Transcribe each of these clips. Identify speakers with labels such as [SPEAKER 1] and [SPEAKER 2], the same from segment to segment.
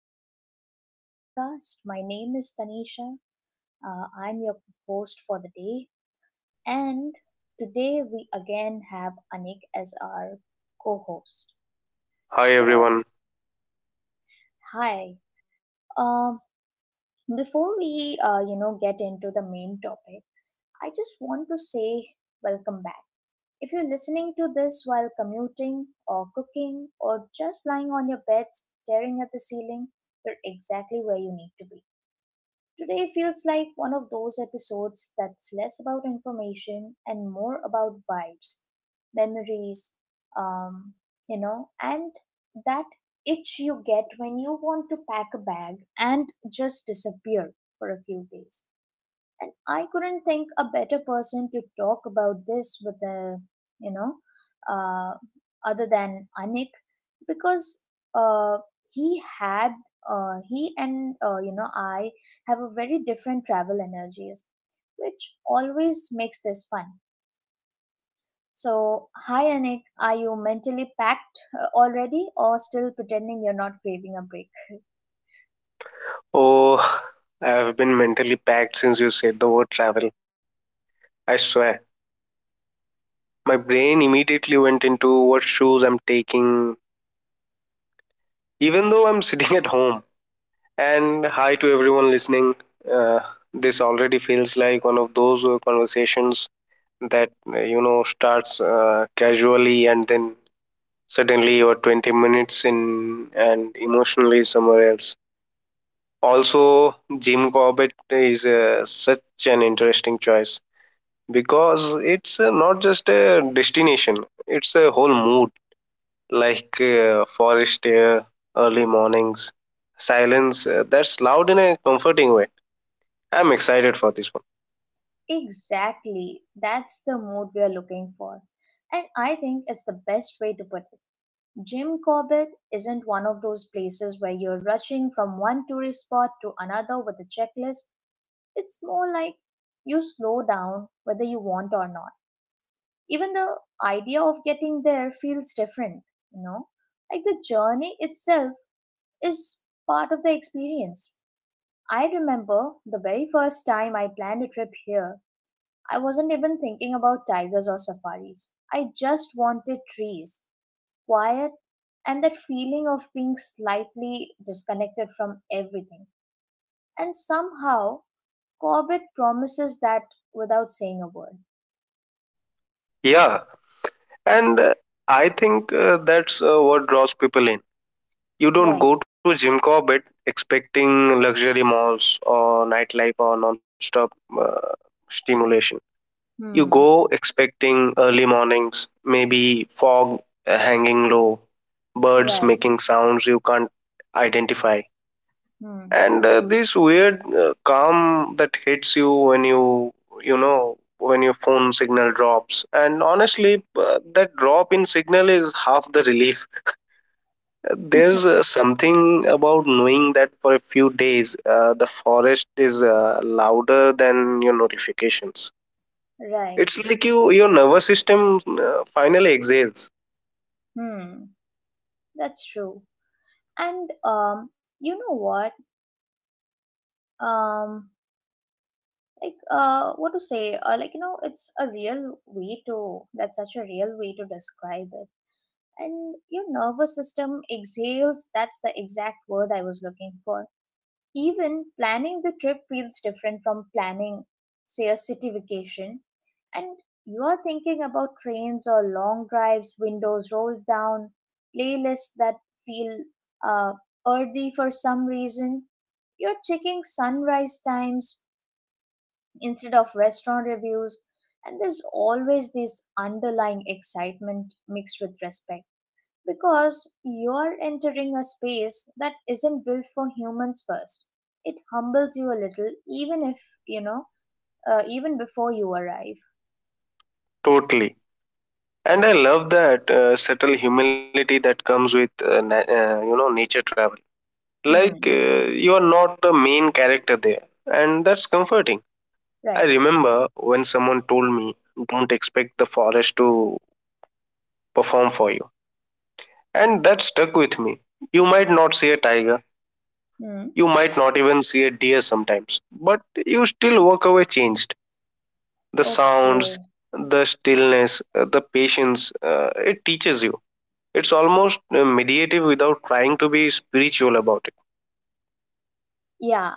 [SPEAKER 1] to my podcast. My name is Tanisha. I'm your host for the day. And today we again have Anik as our co host.
[SPEAKER 2] Hi
[SPEAKER 1] So,
[SPEAKER 2] everyone.
[SPEAKER 1] hi. Um, before we, get into the main topic, I just want to say welcome back. If you're listening to this while commuting or cooking or just lying on your bed staring at the ceiling, you're exactly where you need to be. Today feels like one of those episodes that's less about information and more about vibes, memories, um, and that itch you get when you want to pack a bag and just disappear for a few days. And I couldn't think a better person to talk about this with a you know uh, other than Anik, because uh, he had he and I have a very different travel energies, which always makes this fun. So, hi Anik, are you mentally packed already or still pretending you're not craving a break?
[SPEAKER 2] Oh, I have been mentally packed since you said the word travel. I swear. My brain immediately went into what shoes I'm taking, even though I'm sitting at home. And hi to everyone listening. Uh, this already feels like one of those conversations that, starts casually, and then suddenly you're 20 minutes in and emotionally somewhere else. Also, Jim Corbett is such an interesting choice, because it's not just a destination, it's a whole mood. Like forest air, early mornings, silence that's loud in a comforting way. I'm excited for this one.
[SPEAKER 1] Exactly. That's the mood we are looking for. And I think it's the best way to put it. Jim Corbett isn't one of those places where you're rushing from one tourist spot to another with a checklist. It's more like you slow down whether you want or not. Even the idea of getting there feels different, you know? Like the journey itself is part of the experience. I remember the very first time I planned a trip here. I wasn't even thinking about tigers or safaris. I just wanted trees, quiet, and that feeling of being slightly disconnected from everything. And somehow, Corbett promises that without saying a word.
[SPEAKER 2] Yeah, and I think that's what draws people in. You
[SPEAKER 1] Right.
[SPEAKER 2] don't go to Jim Corbett expecting luxury malls or nightlife or non-stop uh, stimulation. You go
[SPEAKER 1] Hmm.
[SPEAKER 2] expecting early mornings, maybe fog hanging low, birds
[SPEAKER 1] Right.
[SPEAKER 2] making sounds you can't identify,
[SPEAKER 1] Hmm.
[SPEAKER 2] and this weird calm that hits you when when your phone signal drops. And honestly, that drop in signal is half the relief. There's something about knowing that for a few days the forest is louder than your notifications.
[SPEAKER 1] Right.
[SPEAKER 2] It's like your nervous system finally exhales.
[SPEAKER 1] Hmm. That's true. And you know what? Um, what to say? Like it's a real way to. That's such a real way to describe it, and your nervous system exhales. That's the exact word I was looking for. Even planning the trip feels different from planning, say, a city vacation, and you are thinking about trains or long drives, windows rolled down, playlists that feel uh, earthy for some reason. You're checking sunrise times instead of restaurant reviews, and there's always this underlying excitement mixed with respect, because you're entering a space that isn't built for humans first. It humbles you a little, even if, you know, even before you arrive.
[SPEAKER 2] Totally. And I love that subtle humility that comes with nature travel. Like
[SPEAKER 1] Hmm.
[SPEAKER 2] you are not the main character there, and that's comforting.
[SPEAKER 1] Right.
[SPEAKER 2] I remember when someone told me, "Don't expect the forest to perform for you," and that stuck with me. You might not see a tiger,
[SPEAKER 1] Hmm.
[SPEAKER 2] you might not even see a deer sometimes, but you still walk away changed. The sounds,
[SPEAKER 1] Okay.
[SPEAKER 2] the stillness, the patience, it teaches you. It's almost meditative without trying to be spiritual about it.
[SPEAKER 1] Yeah.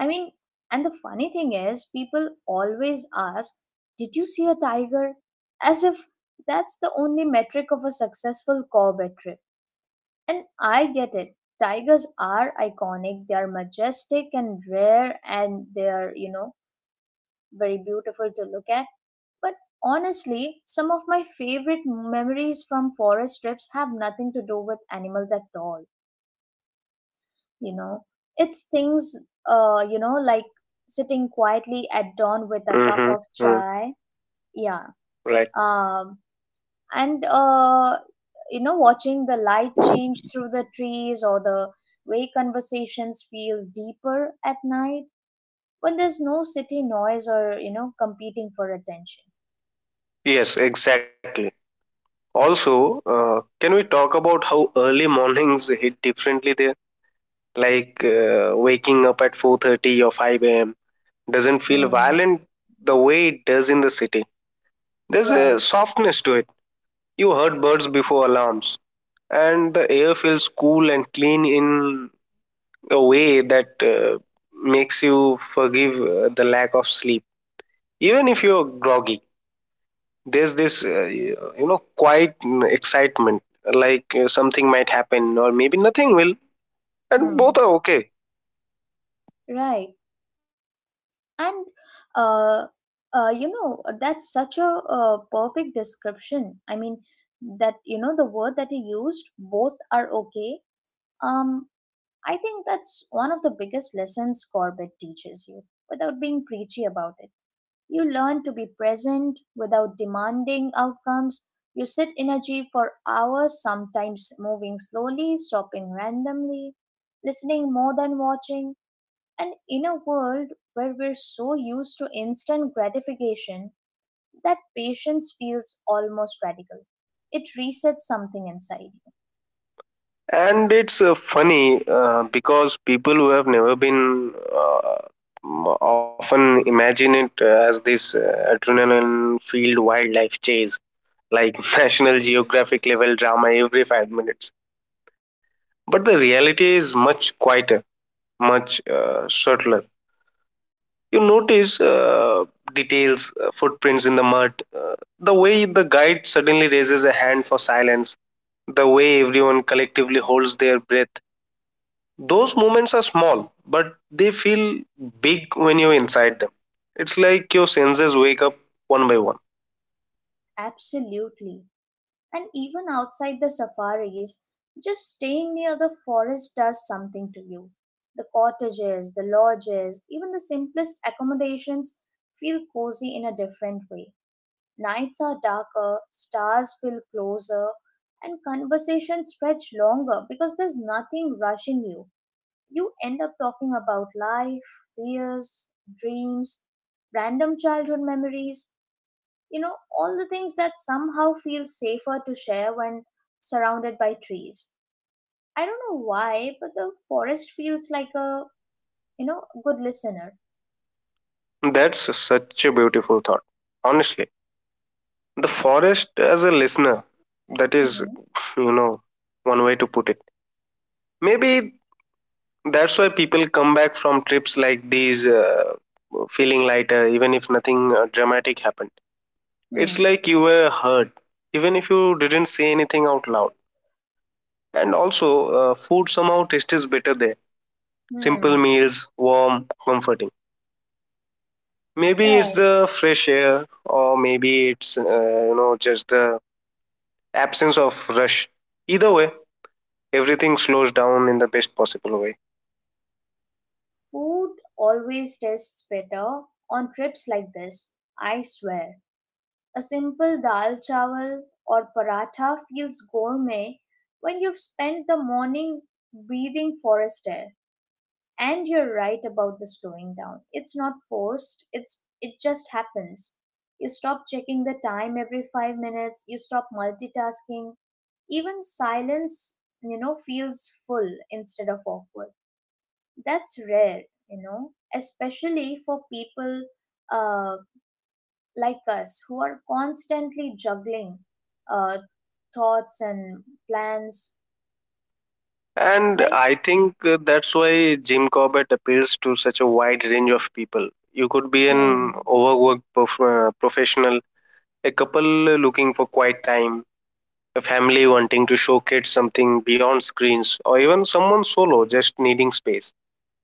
[SPEAKER 1] I mean, and the funny thing is, people always ask, "Did you see a tiger?" As if that's the only metric of a successful Corbett trip. And I get it. Tigers are iconic, they are majestic and rare, and they are, very beautiful to look at. But honestly, some of my favorite memories from forest trips have nothing to do with animals at all. You know, it's things, like sitting quietly at dawn with a cup
[SPEAKER 2] Mm-hmm.
[SPEAKER 1] of
[SPEAKER 2] Hmm.
[SPEAKER 1] chai. Yeah.
[SPEAKER 2] Right.
[SPEAKER 1] Um, and, watching the light change through the trees, or the way conversations feel deeper at night when there's no city noise or, competing for attention.
[SPEAKER 2] Yes, exactly. Also, uh, can we talk about how early mornings hit differently there? Like waking up at 4:30 or 5 a.m. doesn't feel
[SPEAKER 1] Hmm.
[SPEAKER 2] violent the way it does in the city. There's a
[SPEAKER 1] Right.
[SPEAKER 2] softness to it. You heard birds before alarms, and the air feels cool and clean in a way that makes you forgive the lack of sleep. Even if you're groggy, there's this quiet excitement, like something might happen or maybe nothing will, and both
[SPEAKER 1] Hmm.
[SPEAKER 2] are okay.
[SPEAKER 1] Right. And uh, that's such a perfect description. I mean, that the word that he used, both are okay. Um, I think that's one of the biggest lessons Corbett teaches you without being preachy about it. You learn to be present without demanding outcomes. You sit energy for hours, sometimes moving slowly, stopping randomly, listening more than watching. And in a world where we're so used to instant gratification, that patience feels almost radical. It resets something inside you.
[SPEAKER 2] And it's funny because people who have never been often imagine it as this adrenaline filled wildlife chase, like national geographic level drama every 5 minutes. But the reality is much quieter, much subtler. You notice details, footprints in the mud, uh, the way the guide suddenly raises a hand for silence, the way everyone collectively holds their breath. Those moments are small, but they feel big when you're inside them. It's like your senses wake up one by one.
[SPEAKER 1] Absolutely. And even outside the safaris, just staying near the forest does something to you. The cottages, the lodges, even the simplest accommodations feel cozy in a different way. Nights are darker, stars feel closer, and conversations stretch longer because there's nothing rushing you. You end up talking about life, fears, dreams, random childhood memories, all the things that somehow feel safer to share when surrounded by trees. I don't know why, but the forest feels like a, good listener.
[SPEAKER 2] That's such a beautiful thought. Honestly, the forest as a listener, that is,
[SPEAKER 1] Mm-hmm.
[SPEAKER 2] you know, one way to put it. Maybe that's why people come back from trips like these feeling lighter, even if nothing dramatic happened. It's
[SPEAKER 1] Hmm.
[SPEAKER 2] like you were hurt even if you didn't say anything out loud. And also, food somehow tastes better there. Simple
[SPEAKER 1] Hmm.
[SPEAKER 2] meals, warm, comforting. Maybe it's
[SPEAKER 1] Right.
[SPEAKER 2] the fresh air, or maybe it's just the absence of rush. Either way, everything slows down in the best possible way.
[SPEAKER 1] Food always tastes better on trips like this, I swear. A simple dal chawal or paratha feels gourmet when you've spent the morning breathing forest air. And you're right about the slowing down. It's not forced, it just happens. You stop checking the time every 5 minutes, you stop multitasking. Even silence, feels full instead of awkward. That's rare, especially for people uh, like us who are constantly juggling uh, thoughts and plans,
[SPEAKER 2] And
[SPEAKER 1] right?
[SPEAKER 2] I think that's why Jim Corbett appeals to such a wide range of people. You could be an
[SPEAKER 1] Hmm.
[SPEAKER 2] overworked professional, a couple looking for quiet time, a family wanting to show kids something beyond screens, or even someone solo just needing space.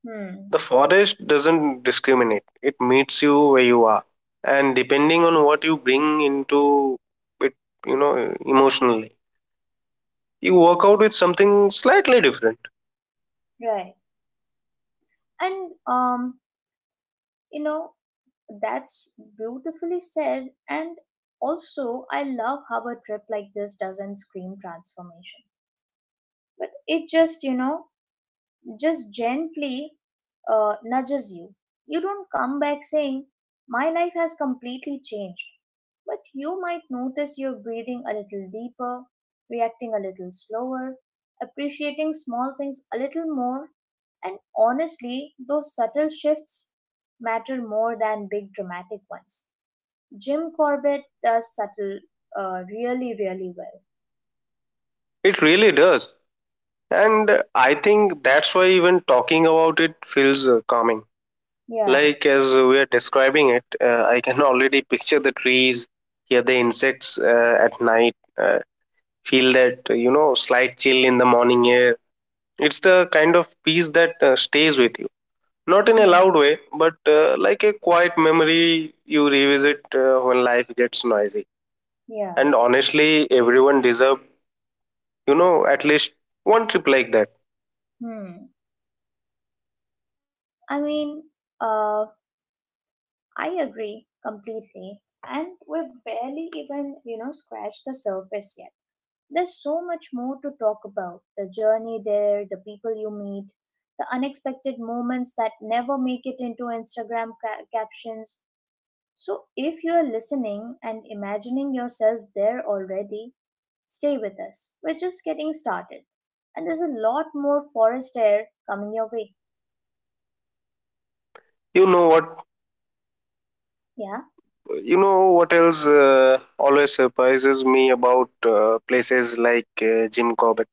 [SPEAKER 1] Hmm.
[SPEAKER 2] The forest doesn't discriminate, it meets you where you are. And depending on what you bring into it, you know, emotionally, you work out with something slightly different.
[SPEAKER 1] Right. And you know, that's beautifully said. And also, I love how a trip like this doesn't scream transformation, but it just gently nudges you. You don't come back saying, "My life has completely changed." But you might notice you're breathing a little deeper, reacting a little slower, appreciating small things a little more. And honestly, those subtle shifts matter more than big dramatic ones. Jim Corbett does subtle, really, really well.
[SPEAKER 2] It really does. And I think that's why even talking about it feels calming.
[SPEAKER 1] Yeah.
[SPEAKER 2] Like as we are describing it, I can already picture the trees, hear the insects at night, feel that slight chill in the morning air. It's the kind of peace that stays with you, not in a
[SPEAKER 1] Hmm.
[SPEAKER 2] loud way, but like a quiet memory you revisit when life gets noisy.
[SPEAKER 1] Yeah.
[SPEAKER 2] And honestly, everyone deserve, you know, at least one trip like that.
[SPEAKER 1] Hmm. I mean, uh, I agree completely. And we've barely even, scratched the surface yet. There's so much more to talk about the journey there, the people you meet, the unexpected moments that never make it into Instagram captions. So if you're listening and imagining yourself there already, stay with us. We're just getting started. And there's a lot more forest air coming your way.
[SPEAKER 2] You know what,
[SPEAKER 1] Yeah?
[SPEAKER 2] you know what else always surprises me about places like Jim Corbett?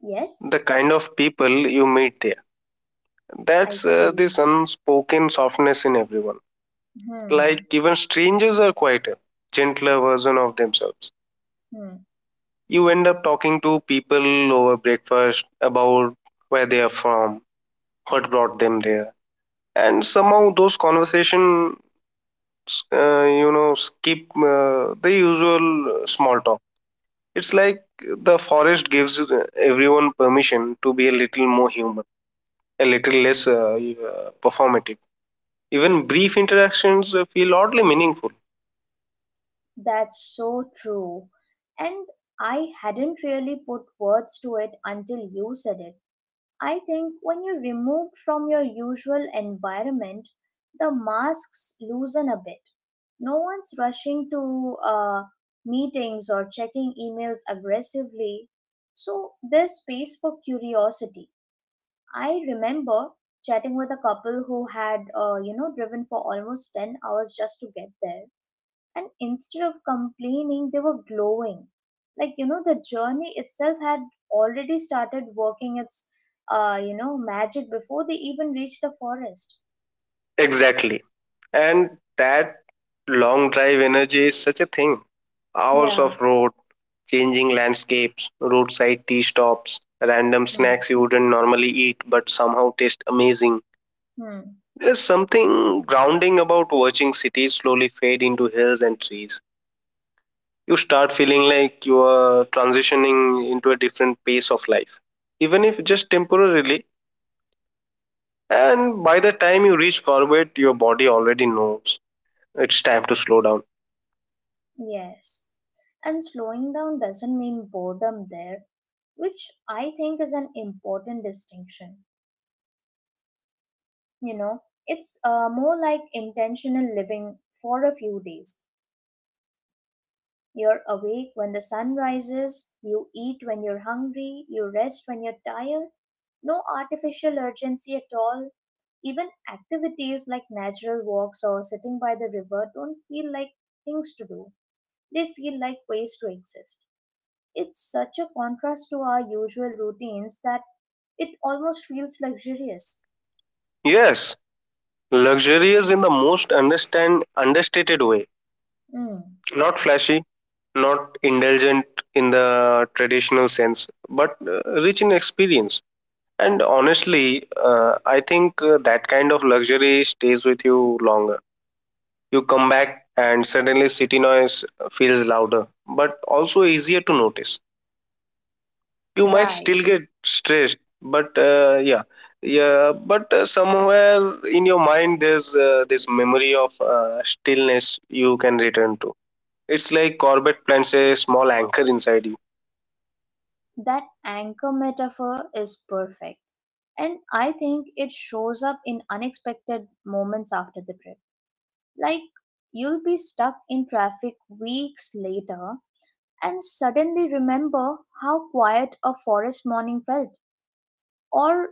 [SPEAKER 1] Yes?
[SPEAKER 2] The kind of people you meet there.
[SPEAKER 1] I
[SPEAKER 2] That's
[SPEAKER 1] see.
[SPEAKER 2] this unspoken softness in everyone. Like
[SPEAKER 1] Hmm.
[SPEAKER 2] even strangers are quieter, gentler version of themselves.
[SPEAKER 1] Hmm.
[SPEAKER 2] You end up talking to people over breakfast about where they are from, what brought them there, and somehow those conversations skip the usual small talk. It's like the forest gives everyone permission to be a little more human, a little less performative. Even brief interactions feel oddly meaningful.
[SPEAKER 1] That's so true. And I hadn't really put words to it until you said it. I think when you're removed from your usual environment, the masks loosen a bit. No one's rushing to meetings or checking emails aggressively. So there's space for curiosity. I remember chatting with a couple who had, driven for almost 10 hours just to get there, and instead of complaining they were glowing, like the journey itself had already started working its magic before they even reached the forest.
[SPEAKER 2] Exactly. And that long drive energy is such a thing. Hours
[SPEAKER 1] Yeah.
[SPEAKER 2] of road, changing landscapes, roadside tea stops, random
[SPEAKER 1] Hmm.
[SPEAKER 2] snacks you wouldn't normally eat but somehow taste amazing.
[SPEAKER 1] Hmm.
[SPEAKER 2] There's something grounding about watching cities slowly fade into hills and trees. You start feeling like you are transitioning into a different pace of life, even if just temporarily. And by the time you reach Corvette, your body already knows it's time to slow down.
[SPEAKER 1] Yes, and slowing down doesn't mean boredom there, which I think is an important distinction. You know, it's more like intentional living for a few days. You're awake when the sun rises, you eat when you're hungry, you rest when you're tired. No artificial urgency at all. Even activities like natural walks or sitting by the river don't feel like things to do, they feel like ways to exist. It's such a contrast to our usual routines that it almost feels luxurious.
[SPEAKER 2] Yes, luxurious in the most understand understated way,
[SPEAKER 1] Mm,
[SPEAKER 2] not flashy, not indulgent in the traditional sense, but rich in experience. And honestly, I think that kind of luxury stays with you longer. You come back and suddenly city noise feels louder, but also easier to notice. You might still
[SPEAKER 1] right.
[SPEAKER 2] get stressed, but somewhere in your mind there's this memory of stillness you can return to. It's like Corbett plants a small anchor inside you.
[SPEAKER 1] That anchor metaphor is perfect. And I think it shows up in unexpected moments after the trip. Like you'll be stuck in traffic weeks later and suddenly remember how quiet a forest morning felt. Or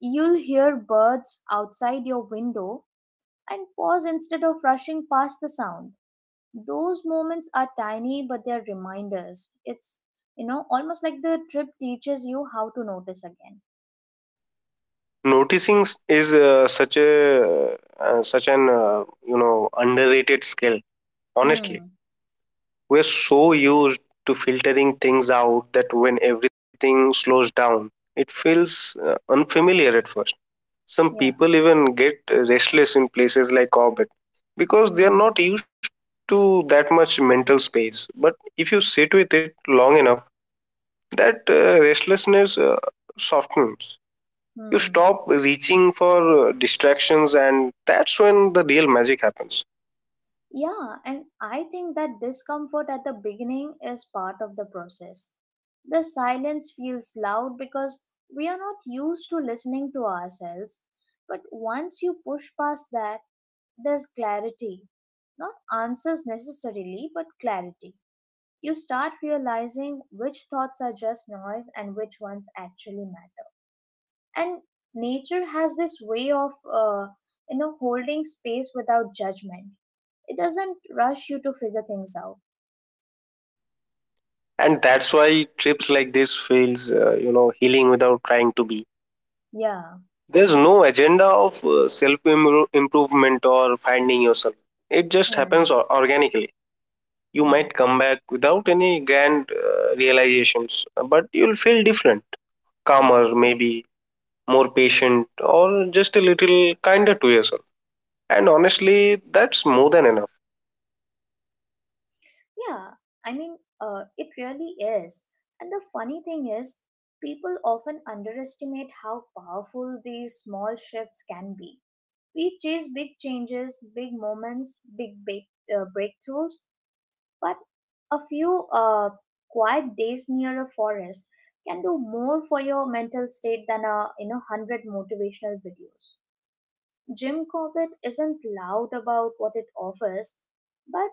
[SPEAKER 1] you'll hear birds outside your window and pause instead of rushing past the sound. Those moments are tiny, but they're reminders. It's, almost like the trip teaches you how to notice again.
[SPEAKER 2] Noticing s- is such a such an you know underrated skill, honestly.
[SPEAKER 1] Hmm.
[SPEAKER 2] We're so used to filtering things out that when everything slows down, it feels unfamiliar at first. Some
[SPEAKER 1] Yeah.
[SPEAKER 2] people even get restless in places like orbit because they are
[SPEAKER 1] Hmm.
[SPEAKER 2] not used to that much mental space. But if you sit with it long enough, that restlessness softens. You
[SPEAKER 1] Hmm.
[SPEAKER 2] stop reaching for distractions, and that's when the real magic happens.
[SPEAKER 1] Yeah, and I think that discomfort at the beginning is part of the process. The silence feels loud because we are not used to listening to ourselves. But once you push past that, there's clarity. Not answers necessarily, but clarity. You start realizing which thoughts are just noise and which ones actually matter. And nature has this way of, holding space without judgment. It doesn't rush you to figure things out.
[SPEAKER 2] And that's why trips like this feels, you know, healing without trying to be.
[SPEAKER 1] Yeah.
[SPEAKER 2] There's no agenda of self improvement or finding yourself. It just happens
[SPEAKER 1] Hmm.
[SPEAKER 2] organically. You
[SPEAKER 1] Hmm.
[SPEAKER 2] might come back without any grand realizations, but you'll feel different,
[SPEAKER 1] Hmm.
[SPEAKER 2] calmer, maybe more patient, or just a little kinder to yourself. And honestly, that's more than enough.
[SPEAKER 1] Yeah. I mean, it really is. And the funny thing is, people often underestimate how powerful these small shifts can be. We chase big changes, big moments, big breakthroughs, but a few quiet days near a forest can do more for your mental state than a 100 motivational videos. Jim Corbett isn't loud about what it offers, but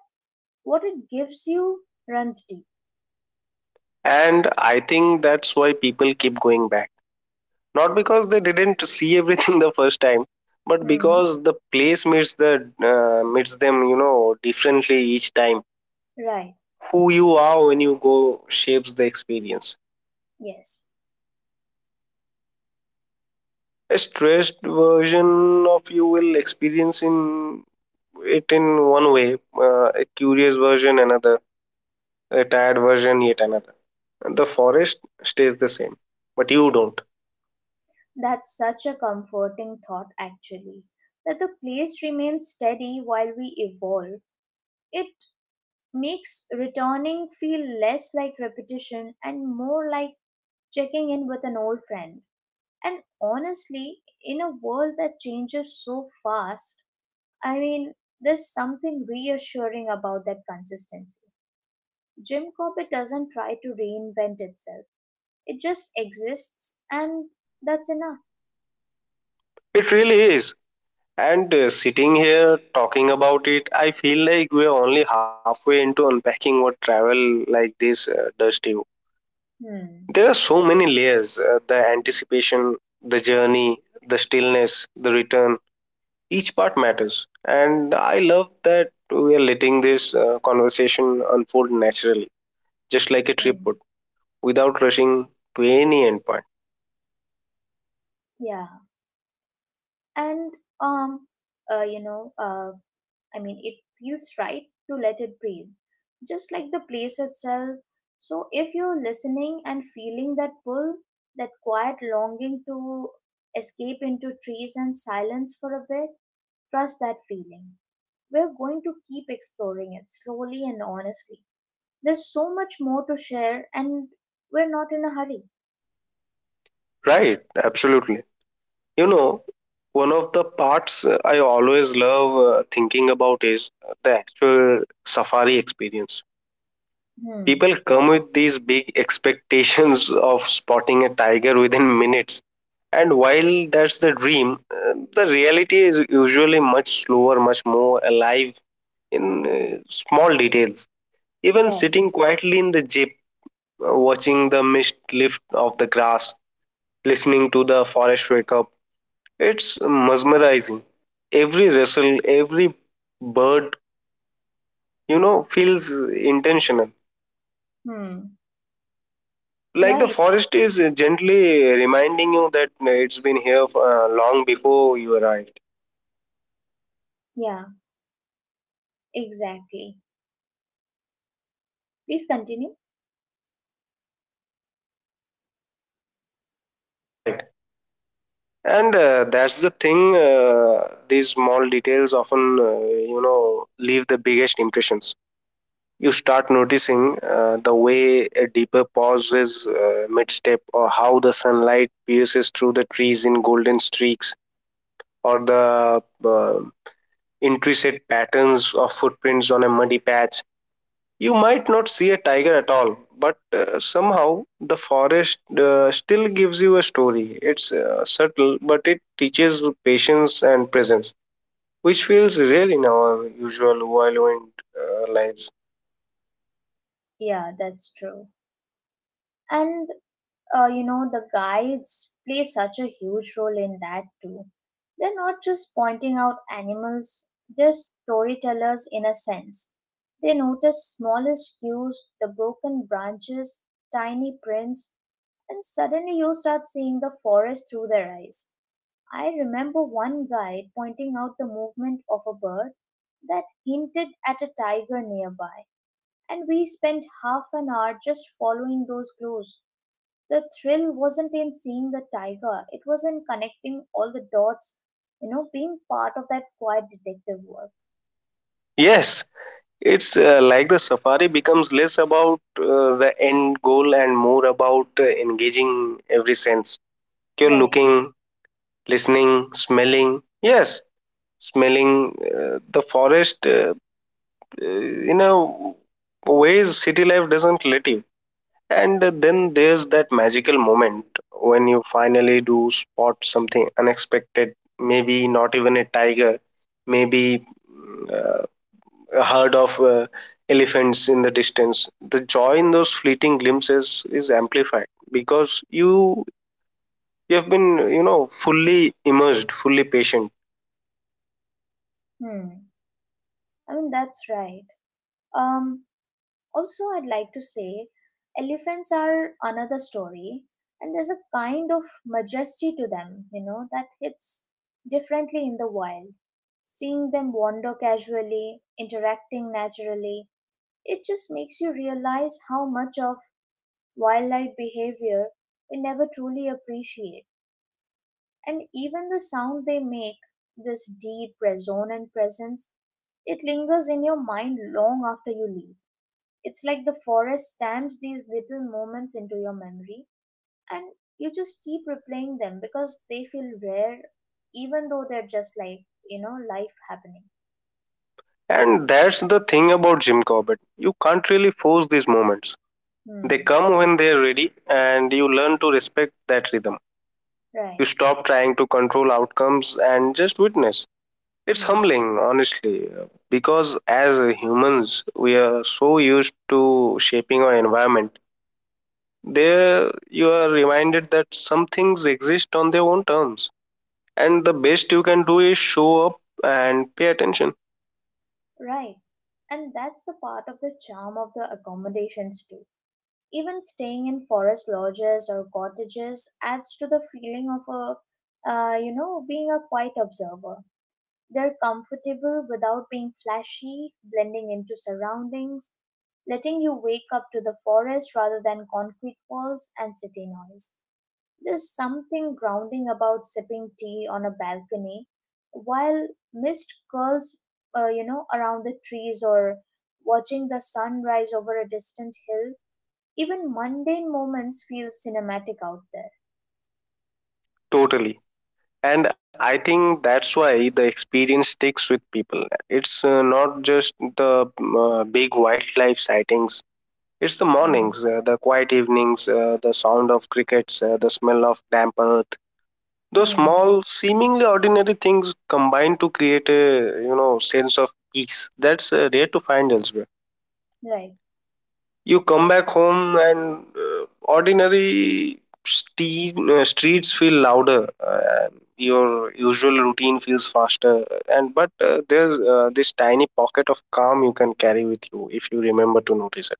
[SPEAKER 1] what it gives you runs deep.
[SPEAKER 2] And I think that's why people keep going back. Not because they didn't see everything the first time, but
[SPEAKER 1] Hmm.
[SPEAKER 2] because the place meets them, you know, differently each time.
[SPEAKER 1] Right,
[SPEAKER 2] Who you are when you go shapes the experience.
[SPEAKER 1] yes.
[SPEAKER 2] A stressed version of you will experience in it in one way, a curious version another, a tired version yet another. And the forest stays the same, but you don't.
[SPEAKER 1] That's such a comforting thought, actually. That the place remains steady while we evolve. It makes returning feel less like repetition and more like checking in with an old friend. And honestly, in a world that changes so fast, I mean, there's something reassuring about that consistency. Jim Corbett doesn't try to reinvent itself. It just exists, and that's enough.
[SPEAKER 2] It really is. And sitting here talking about it, I feel like we're only halfway into unpacking what travel like this does to you.
[SPEAKER 1] Hmm.
[SPEAKER 2] There are so many layers, the anticipation, the journey, the stillness, the return. Each part matters, and I love that we are letting this conversation unfold naturally, just like a trip
[SPEAKER 1] Hmm.
[SPEAKER 2] would, without rushing to any endpoint.
[SPEAKER 1] Yeah. And um uh you know uh I mean it feels right to let it breathe. Just like the place itself. So if you're listening and feeling that pull, that quiet longing to escape into trees and silence for a bit, trust that feeling. We're going to keep exploring it slowly and honestly. There's so much more to share, and we're not in a hurry.
[SPEAKER 2] Right, absolutely. You know, one of the parts I always love thinking about is the actual safari experience.
[SPEAKER 1] Hmm.
[SPEAKER 2] People come with these big expectations of spotting a tiger within minutes, and while that's the dream, uh, the reality is usually much slower, much more alive in small details. Even
[SPEAKER 1] Right.
[SPEAKER 2] sitting quietly in the jeep, watching the mist lift off the grass, listening to the forest wake up. It's mesmerizing. Every rustle, every bird, you know, feels intentional.
[SPEAKER 1] Hmm.
[SPEAKER 2] Like the
[SPEAKER 1] Right.
[SPEAKER 2] forest is gently reminding you that it's been here long before you arrived.
[SPEAKER 1] Yeah, exactly. Please continue.
[SPEAKER 2] Right. And that's the thing, these small details often, leave the biggest impressions. You start noticing the way a deeper pause is mid-step, or how the sunlight pierces through the trees in golden streaks, or the intricate patterns of footprints on a muddy patch. You might not see a tiger at all, but somehow the forest still gives you a story. It's subtle, but it teaches patience and presence, which feels real in our usual violent lives.
[SPEAKER 1] Yeah, that's true. And, the guides play such a huge role in that too. They're not just pointing out animals, they're storytellers in a sense. They notice smallest cues, the broken branches, tiny prints, and suddenly you start seeing the forest through their eyes. I remember one guide pointing out the movement of a bird that hinted at a tiger nearby, and we spent half an hour just following those clues. The thrill wasn't in seeing the tiger, it was in connecting all the dots being part of that quiet detective work.
[SPEAKER 2] Yes. It's like the safari becomes less about the end goal and more about engaging every sense. You're
[SPEAKER 1] Right.
[SPEAKER 2] looking, listening, smelling. Yes, smelling the forest in a ways city life doesn't let you. And then there's that magical moment when you finally do spot something unexpected. Maybe not even a tiger, maybe uh, a herd of elephants in the distance. The joy in those fleeting glimpses is amplified because you have been fully immersed, fully patient.
[SPEAKER 1] Hmm. I mean, that's right. Um, Also, I'd like to say elephants are another story, and there's a kind of majesty to them that hits differently in the wild. Seeing them wander casually, interacting naturally, it just makes you realize how much of wildlife behavior we never truly appreciate. And even the sound they make, this deep, resonant presence, it lingers in your mind long after you leave. It's like the forest stamps these little moments into your memory, and you just keep replaying them because they feel rare, even though they're just like life happening.
[SPEAKER 2] And that's the thing about Jim Corbett, you can't really force these moments. They
[SPEAKER 1] Hmm.
[SPEAKER 2] come when they're ready, and you learn to respect that rhythm. You
[SPEAKER 1] Right.
[SPEAKER 2] stop trying to control outcomes and just witness. It's
[SPEAKER 1] Hmm.
[SPEAKER 2] humbling, honestly, because as humans we are so used to shaping our environment. There you are reminded that some things exist on their own terms, and the best you can do is show up and pay attention.
[SPEAKER 1] Right. And that's the part of the charm of the accommodations too. Even staying in forest lodges or cottages adds to the feeling of a you know being a quiet observer. They're comfortable without being flashy, blending into surroundings, letting you wake up to the forest rather than concrete walls and city noise. There's something grounding about sipping tea on a balcony while mist curls around the trees or watching the sun rise over a distant hill. Even mundane moments feel cinematic out there.
[SPEAKER 2] Totally. And I think that's why the experience sticks with people. It's not just the big wildlife sightings, it's the
[SPEAKER 1] Hmm.
[SPEAKER 2] mornings, the quiet evenings, the sound of crickets, the smell of damp earth. Those
[SPEAKER 1] Hmm.
[SPEAKER 2] small, seemingly ordinary things combine to create a sense of peace that's rare to find elsewhere.
[SPEAKER 1] Right.
[SPEAKER 2] You come back home and ordinary streets feel louder. Your usual routine feels faster, and but there's this tiny pocket of calm you can carry with you if you remember to notice it.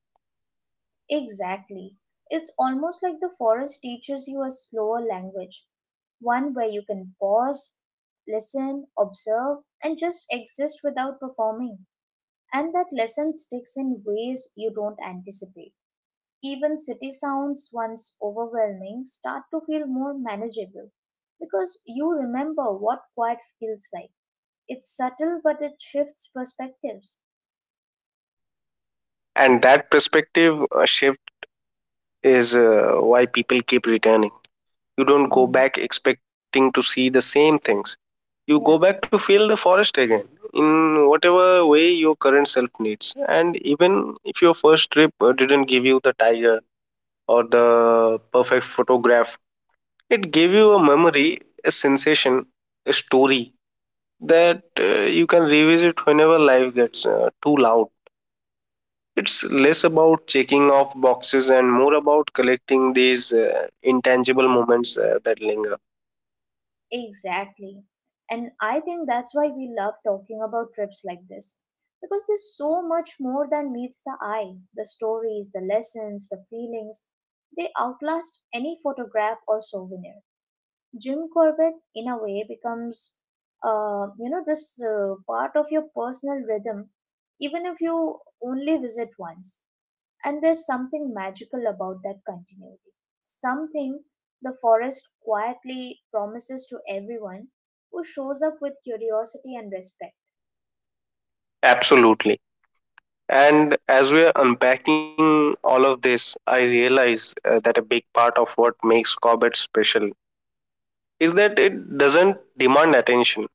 [SPEAKER 1] Exactly. It's almost like the forest teaches you a slower language, one where you can pause, listen, observe, and just exist without performing. And that lesson sticks in ways you don't anticipate. Even city sounds, once overwhelming, start to feel more manageable because you remember what quiet feels like. It's subtle, but it shifts perspectives.
[SPEAKER 2] And that perspective shift is why people keep returning. You don't go
[SPEAKER 1] Hmm.
[SPEAKER 2] back expecting to see the same things, you
[SPEAKER 1] Yeah.
[SPEAKER 2] go back to feel the forest again in whatever way your current self needs. And even if your first trip didn't give you the tiger or the perfect photograph, it gave you a memory, a sensation, a story that you can revisit whenever life gets too loud. It's less about checking off boxes and more about collecting these intangible moments that linger.
[SPEAKER 1] Exactly. And I think that's why we love talking about trips like this. Because there's so much more than meets the eye. The stories, the lessons, the feelings, they outlast any photograph or souvenir. Jim Corbett, in a way, becomes this part of your personal rhythm, even if you only visit once. And there's something magical about that continuity. Something the forest quietly promises to everyone who shows up with curiosity and respect.
[SPEAKER 2] Absolutely. And as we're unpacking all of this, I realize that a big part of what makes Cobbett special is that it doesn't demand attention.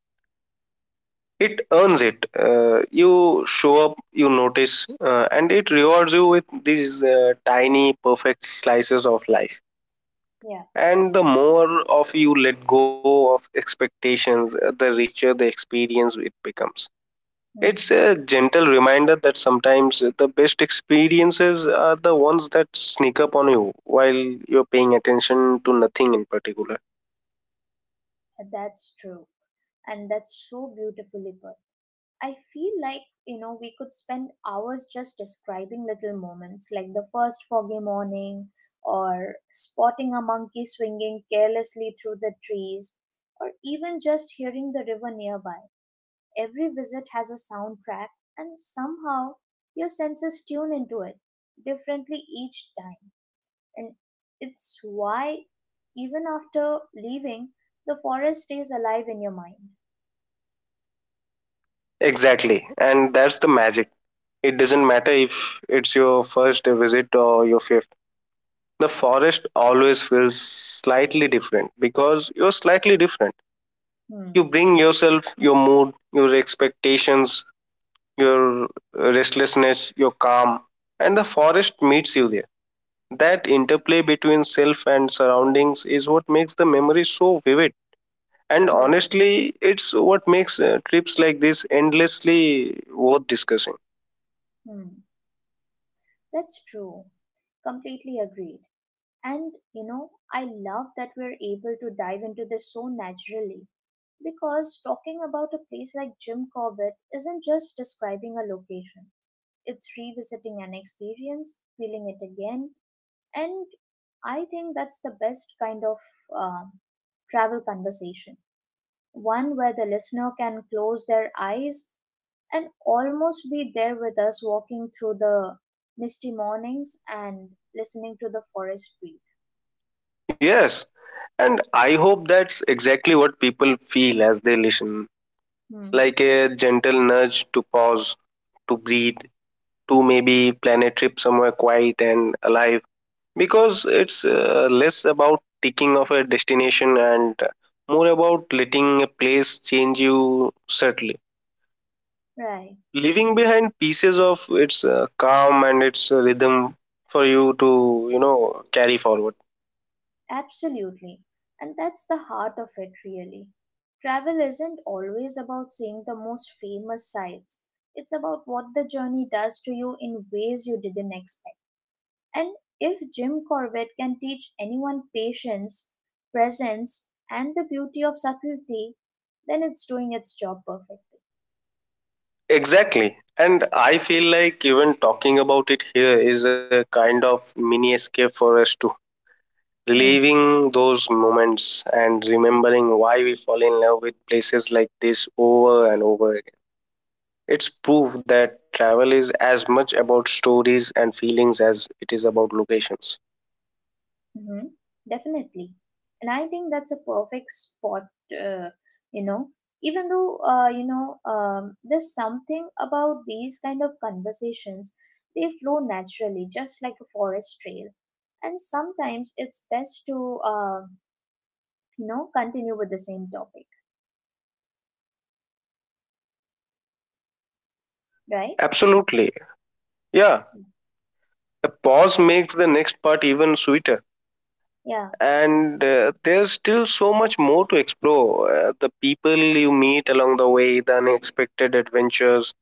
[SPEAKER 2] It earns it. You show up, you notice, and it rewards you with these tiny, perfect slices of life.
[SPEAKER 1] Yeah.
[SPEAKER 2] And the more of you let go of expectations, the richer the experience it becomes.
[SPEAKER 1] Hmm.
[SPEAKER 2] It's a gentle reminder that sometimes the best experiences are the ones that sneak up on you while you're paying attention to nothing in particular.
[SPEAKER 1] That's true. And that's so beautifully put. I feel like, we could spend hours just describing little moments like the first foggy morning or spotting a monkey swinging carelessly through the trees or even just hearing the river nearby. Every visit has a soundtrack, and somehow your senses tune into it differently each time. And it's why, even after leaving, the forest stays alive in your mind.
[SPEAKER 2] Exactly. And that's the magic. It doesn't matter if it's your first visit or your fifth. The forest always feels slightly different because you're slightly different. You
[SPEAKER 1] Hmm.
[SPEAKER 2] bring yourself, your mood, your expectations, your restlessness, your calm, and the forest meets you there. That interplay between self and surroundings is what makes the memory so vivid. And
[SPEAKER 1] Yeah.
[SPEAKER 2] honestly, it's what makes trips like this endlessly worth discussing.
[SPEAKER 1] Hmm. That's true. Completely agreed. And I love that we're able to dive into this so naturally, because talking about a place like Jim Corbett isn't just describing a location. It's revisiting an experience, feeling it again, and I think that's the best kind of uh, travel conversation. One where the listener can close their eyes and almost be there with us, walking through the misty mornings and listening to the forest breathe.
[SPEAKER 2] Yes, and I hope that's exactly what people feel as they listen,
[SPEAKER 1] Hmm.
[SPEAKER 2] like a gentle nudge to pause, to breathe, to maybe plan a trip somewhere quiet and alive. Because it's less about ticking of a destination and more about letting a place change you subtly,
[SPEAKER 1] Right.
[SPEAKER 2] leaving behind pieces of its calm and its rhythm for you to carry forward.
[SPEAKER 1] Absolutely. And that's the heart of it, really. Travel isn't always about seeing the most famous sights, it's about what the journey does to you in ways you didn't expect. And if Jim Corbett can teach anyone patience, presence, and the beauty of subtlety, then it's doing its job perfectly.
[SPEAKER 2] Exactly. And I feel like even talking about it here is a kind of mini escape for us too,
[SPEAKER 1] Hmm.
[SPEAKER 2] reliving those moments and remembering why we fall in love with places like this over and over. It's proof that travel is as much about stories and feelings as it is about locations.
[SPEAKER 1] Mm-hmm. Definitely. And I think that's a perfect spot, uh, you know. Even though there's something about these kind of conversations, they flow naturally, just like a forest trail. And sometimes it's best to continue with the same topic, right?
[SPEAKER 2] Absolutely. Yeah. A pause makes the next part even sweeter.
[SPEAKER 1] Yeah.
[SPEAKER 2] And there's still so much more to explore. The people you meet along the way, the unexpected adventures,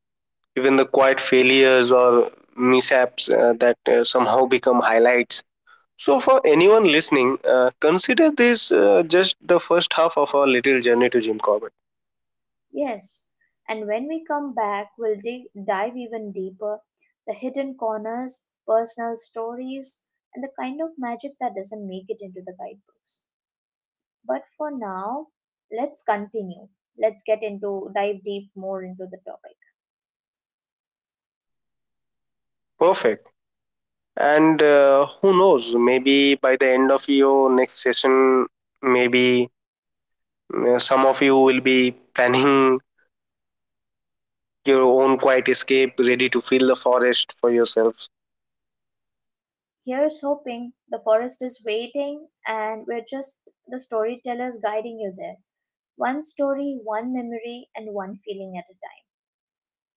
[SPEAKER 2] even the quiet failures or mishaps that somehow become highlights. So, for anyone listening, consider this just the first half of our little journey to Jim Corbett.
[SPEAKER 1] Yes, and when we come back, we'll dive even deeper, the hidden corners, personal stories, and the kind of magic that doesn't make it into the guidebooks. But for now, let's continue. Let's get into dive deep more into the topic.
[SPEAKER 2] Perfect. And who knows, maybe by the end of your next session, maybe some of you will be planning your own quiet escape, ready to feel the forest for yourselves.
[SPEAKER 1] Here's hoping the forest is waiting, and we're just the storytellers guiding you there. One story, one memory, and one feeling at a time.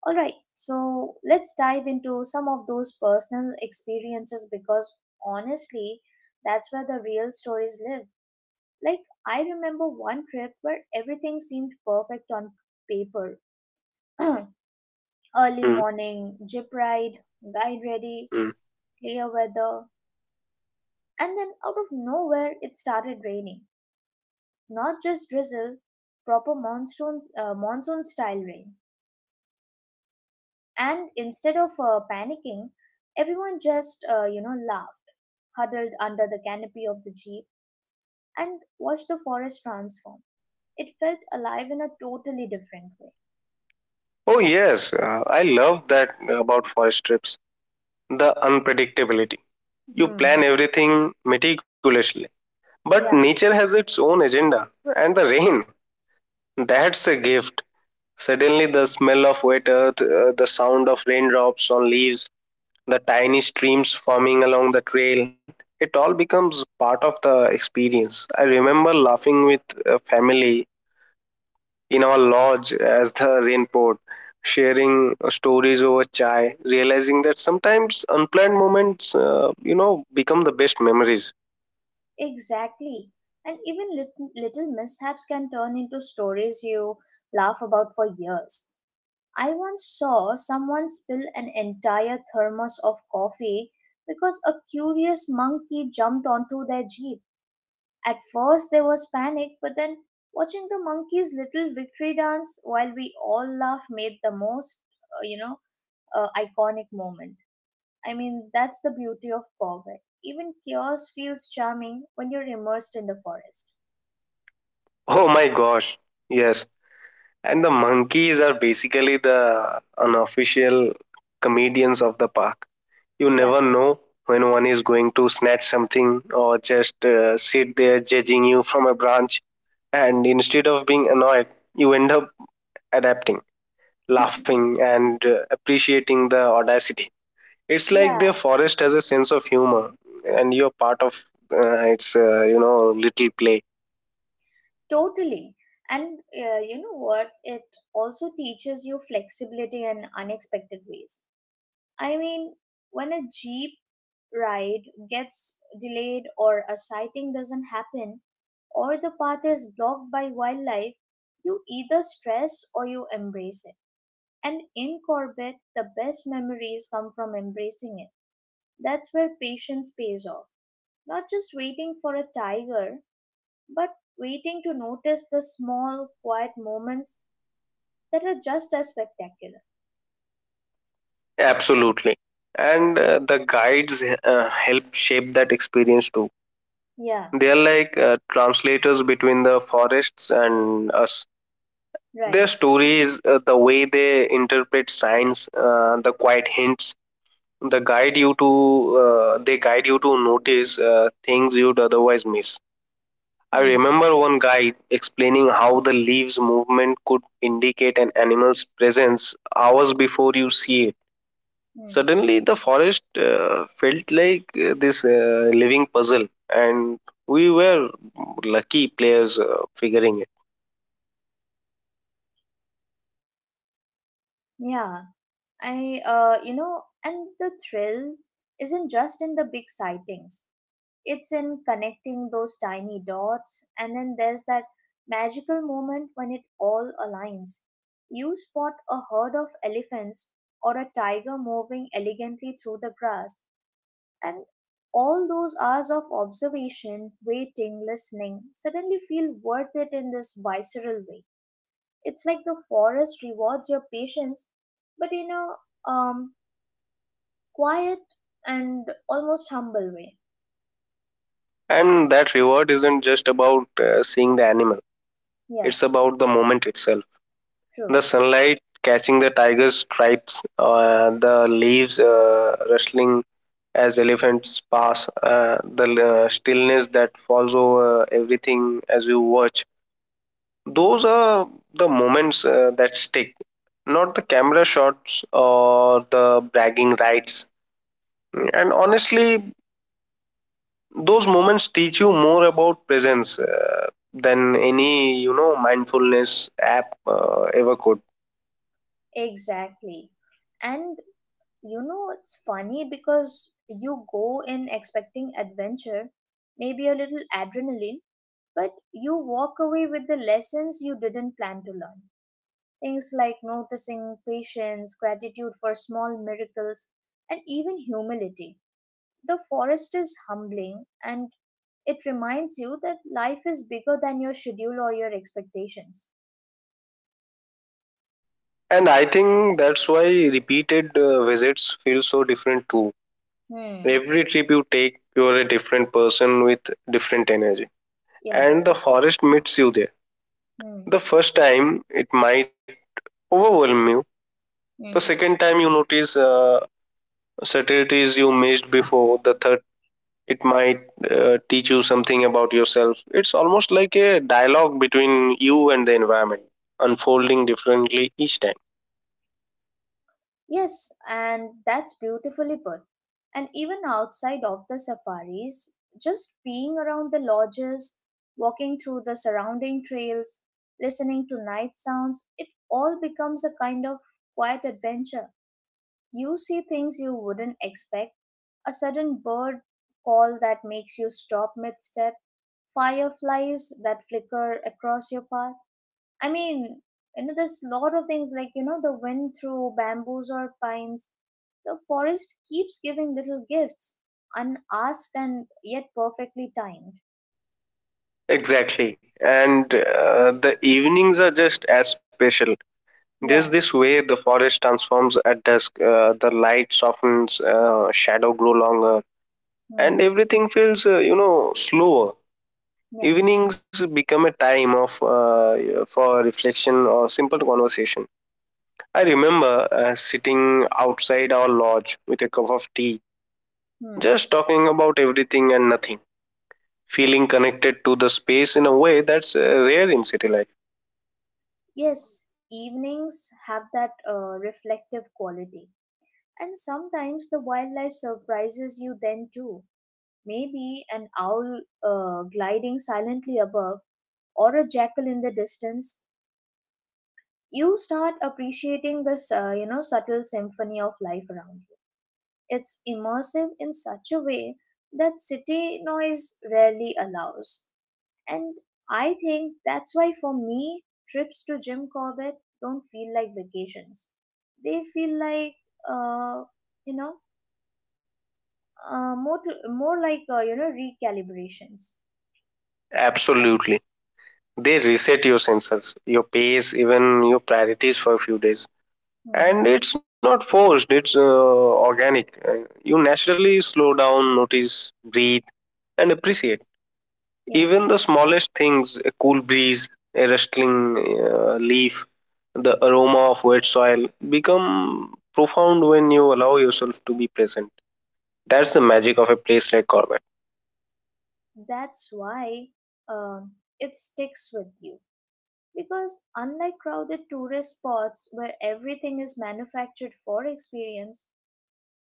[SPEAKER 1] All right, so let's dive into some of those personal experiences because honestly, that's where the real stories live. Like, I remember one trip where everything seemed perfect on paper. Early
[SPEAKER 2] Mm.
[SPEAKER 1] morning, jeep ride, guide ready,
[SPEAKER 2] Mm.
[SPEAKER 1] clear weather, and then out of nowhere it started raining. Not just drizzle, proper monsoon style rain. And instead of panicking, everyone just laughed, huddled under the canopy of the jeep, and watched the forest transform. It felt alive in a totally different way.
[SPEAKER 2] Oh yes, I love that about forest trips, the unpredictability. You plan
[SPEAKER 1] Hmm.
[SPEAKER 2] everything meticulously, but
[SPEAKER 1] Yeah,
[SPEAKER 2] nature has its own agenda. And the rain, that's a gift. Suddenly the smell of wet earth, the sound of raindrops on leaves, the tiny streams forming along the trail. It all becomes part of the experience. I remember laughing with a family in our lodge as the rain poured, sharing stories over chai, realizing that sometimes unplanned moments, become the best memories.
[SPEAKER 1] exactly. And even little mishaps can turn into stories you laugh about for years. I once saw someone spill an entire thermos of coffee because a curious monkey jumped onto their jeep. At first there was panic, but then watching the monkey's little victory dance while we all laugh made the most, uh, you know, iconic moment. I mean, that's the beauty of Corvette. Even chaos feels charming when you're immersed in the forest.
[SPEAKER 2] Oh my gosh, yes. And the monkeys are basically the unofficial comedians of the park. You
[SPEAKER 1] Yeah,
[SPEAKER 2] never know when one is going to snatch something or just sit there judging you from a branch. And instead of being annoyed, you end up adapting, laughing, and appreciating the audacity. It's like the
[SPEAKER 1] yeah,
[SPEAKER 2] forest has a sense of humor, and you're part of its, little play.
[SPEAKER 1] totally. And you know what? It also teaches you flexibility in unexpected ways. I mean, when a Jeep ride gets delayed or a sighting doesn't happen or the path is blocked by wildlife, you either stress or you embrace it. And in Corbett, the best memories come from embracing it. That's where patience pays off. Not just waiting for a tiger, but waiting to notice the small, quiet moments that are just as spectacular.
[SPEAKER 2] Absolutely. And the guides help shape that experience too.
[SPEAKER 1] Yeah,
[SPEAKER 2] They are like translators between the forests and us.
[SPEAKER 1] right.
[SPEAKER 2] Their stories, the way they interpret signs, the quiet hints, they guide you to notice things you'd otherwise miss. I
[SPEAKER 1] Hmm.
[SPEAKER 2] remember one guide explaining how the leaves movement could indicate an animal's presence hours before you see it.
[SPEAKER 1] Hmm.
[SPEAKER 2] Suddenly, the forest felt like this living puzzle, and we were lucky players figuring it.
[SPEAKER 1] Yeah. And the thrill isn't just in the big sightings. It's in connecting those tiny dots, and then there's that magical moment when it all aligns. You spot a herd of elephants or a tiger moving elegantly through the grass, and all those hours of observation, waiting, listening suddenly feel worth it in this visceral way. It's like the forest rewards your patience, but in a quiet and almost humble way.
[SPEAKER 2] And that reward isn't just about seeing the animal,
[SPEAKER 1] Yeah,
[SPEAKER 2] it's about the moment itself:
[SPEAKER 1] true.
[SPEAKER 2] the sunlight catching the tiger's stripes, the leaves rustling as elephants pass, the stillness that falls over everything as you watch. Those are the moments that stick, not the camera shots or the bragging rights. And honestly, those moments teach you more about presence than any mindfulness app ever could.
[SPEAKER 1] Exactly. And it's funny because you go in expecting adventure, maybe a little adrenaline, but you walk away with the lessons you didn't plan to learn. Things like noticing patience, gratitude for small miracles, and even humility. The forest is humbling, and it reminds you that life is bigger than your schedule or your expectations.
[SPEAKER 2] And I think that's why repeated visits feel so different too.
[SPEAKER 1] Hmm.
[SPEAKER 2] Every trip you take, you're a different person with different energy.
[SPEAKER 1] Yeah.
[SPEAKER 2] And the forest meets you there. The
[SPEAKER 1] Hmm.
[SPEAKER 2] first time, it might overwhelm you. The
[SPEAKER 1] Hmm.
[SPEAKER 2] second time, you notice subtleties you missed before. The third, it might teach you something about yourself. It's almost like a dialogue between you and the environment, unfolding differently each time.
[SPEAKER 1] Yes, and that's beautifully put. And even outside of the safaris, just being around the lodges, walking through the surrounding trails, listening to night sounds, it all becomes a kind of quiet adventure. You see things you wouldn't expect, a sudden bird call that makes you stop mid-step, fireflies that flicker across your path. I mean, there's a lot of things like, the wind through bamboos or pines. The forest keeps giving little gifts, unasked and yet perfectly timed.
[SPEAKER 2] Exactly. And the evenings are just as special. There's
[SPEAKER 1] Yeah.
[SPEAKER 2] this way the forest transforms at dusk, the light softens, shadow grow longer, and
[SPEAKER 1] Hmm.
[SPEAKER 2] everything feels, slower.
[SPEAKER 1] Yeah.
[SPEAKER 2] Evenings become a time of for reflection or simple conversation. I remember sitting outside our lodge with a cup of tea,
[SPEAKER 1] Hmm.
[SPEAKER 2] just talking about everything and nothing, feeling connected to the space in a way that's rare in city life.
[SPEAKER 1] Yes, evenings have that reflective quality. And sometimes the wildlife surprises you then too. Maybe an owl gliding silently above, or a jackal in the distance. You start appreciating this subtle symphony of life around you. It's immersive in such a way that city noise rarely allows. And I think that's why, for me, trips to Jim Corbett don't feel like vacations. They feel like uh, you know more like recalibrations.
[SPEAKER 2] Absolutely. They reset your sensors, your pace, even your priorities for a few days.
[SPEAKER 1] Hmm.
[SPEAKER 2] And it's not forced, it's organic. You naturally slow down, notice, breathe, and appreciate.
[SPEAKER 1] Yeah.
[SPEAKER 2] Even the smallest things, a cool breeze, a rustling leaf, the aroma of wet soil, become profound when you allow yourself to be present. That's the magic of a place like Corbett.
[SPEAKER 1] That's why uh, it sticks with you. Because unlike crowded tourist spots where everything is manufactured for experience,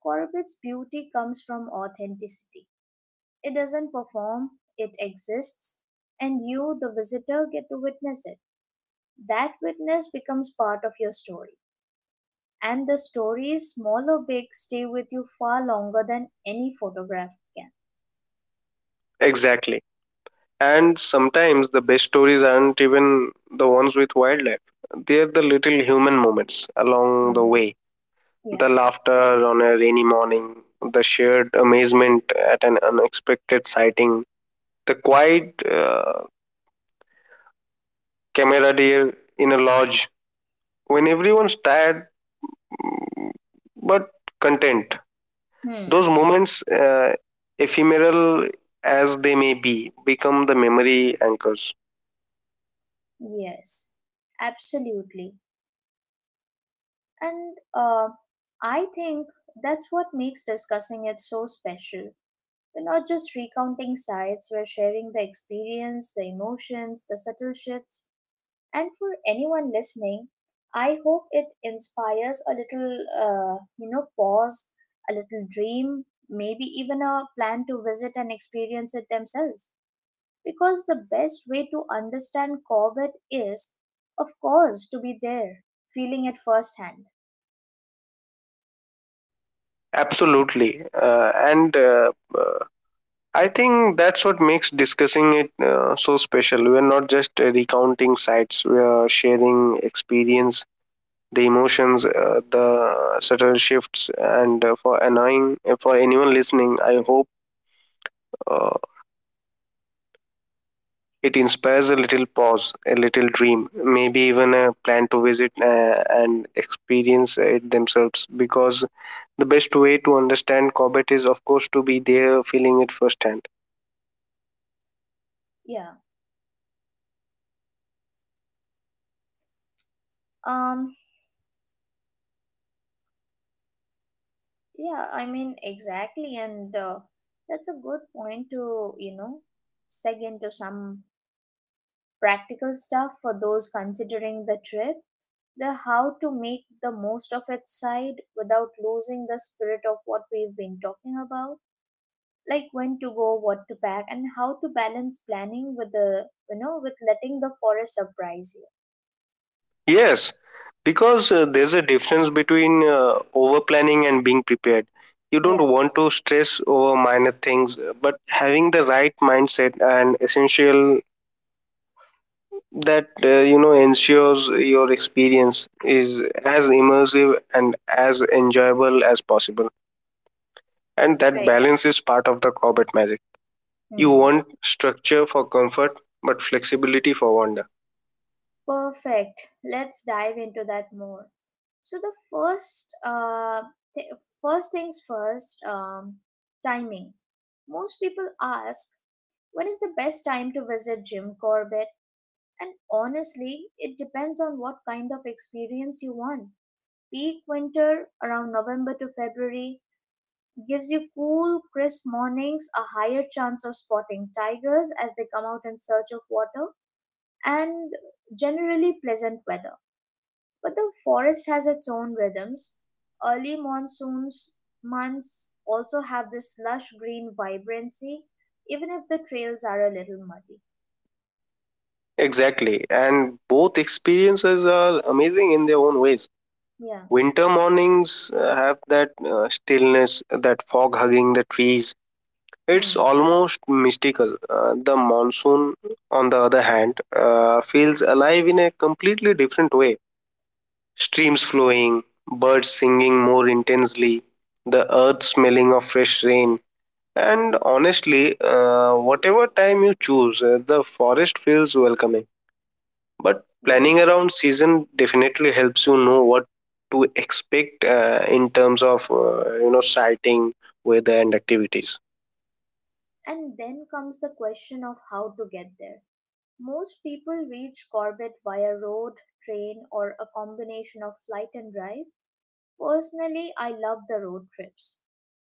[SPEAKER 1] Corbett's beauty comes from authenticity. It doesn't perform, it exists, and you, the visitor, get to witness it. That witness becomes part of your story. And the stories, small or big, stay with you far longer than any photograph can.
[SPEAKER 2] Exactly. And sometimes the best stories aren't even the ones with wildlife. They're the little human moments along the
[SPEAKER 1] Hmm.
[SPEAKER 2] way. The
[SPEAKER 1] Yeah.
[SPEAKER 2] laughter on a rainy morning, the shared amazement at an unexpected sighting, the quiet camaraderie in a lodge when everyone's tired, mm, but content.
[SPEAKER 1] Hmm.
[SPEAKER 2] Those moments, ephemeral as they may be, become the memory anchors.
[SPEAKER 1] Yes. Absolutely. And I think that's what makes discussing it so special. We're not just recounting sides, we're sharing the experience, the emotions, the subtle shifts. And for anyone listening, I hope it inspires a little pause, a little dream, maybe even a plan to visit and experience it themselves. Because the best way to understand Corbett is, of course, to be there, feeling it firsthand.
[SPEAKER 2] Absolutely. And uh, I think that's what makes discussing it so special. We're not just recounting sites, we are sharing experience, the emotions, the subtle shifts. And for annoying, for anyone listening, I hope uh, it inspires a little pause, a little dream, maybe even a plan to visit and experience it themselves. Because the best way to understand Cobbett is, of course, to be there, feeling it firsthand.
[SPEAKER 1] Yeah. Um, yeah, I mean, exactly. And that's a good point to seg into some practical stuff for those considering the trip. The how to make the most of its side without losing the spirit of what we've been talking about. Like when to go, what to pack, and how to balance planning with letting the forest surprise
[SPEAKER 2] Yes, because there's a difference between over planning and being prepared. You
[SPEAKER 1] you.
[SPEAKER 2] don't
[SPEAKER 1] Yeah,
[SPEAKER 2] want to stress over minor things, but having the right mindset and essential that ensures your experience is as immersive and as enjoyable as possible. And that
[SPEAKER 1] right.
[SPEAKER 2] balance is part of the Corbett magic. You
[SPEAKER 1] Hmm.
[SPEAKER 2] want structure for comfort, but flexibility for wonder.
[SPEAKER 1] Perfect. Let's dive into that more. So the th- first things first, timing. Most people ask, when is the best time to visit Jim Corbett? And honestly, it depends on what kind of experience you want. Peak winter around November to February gives you cool, crisp mornings, a higher chance of spotting tigers as they come out in search of water, and generally pleasant weather but the forest has its own rhythms. Early monsoons months also have this lush green vibrancy, even if the trails are a little muddy.
[SPEAKER 2] Exactly, and both experiences are amazing in their own ways.
[SPEAKER 1] Yeah.
[SPEAKER 2] Winter mornings have that stillness, that fog hugging the trees. It's
[SPEAKER 1] Hmm.
[SPEAKER 2] almost mystical. The monsoon, on the other hand, feels alive in a completely different way. Streams flowing, birds singing more intensely, the earth smelling of fresh rain. And honestly, whatever time you choose, the forest feels welcoming, but
[SPEAKER 1] Yeah.
[SPEAKER 2] planning around season definitely helps you know what to expect in terms of sighting, weather, and activities.
[SPEAKER 1] And then comes the question of how to get there. Most people reach Corbett via road, train, or a combination of flight and drive. Personally, I love the road trips.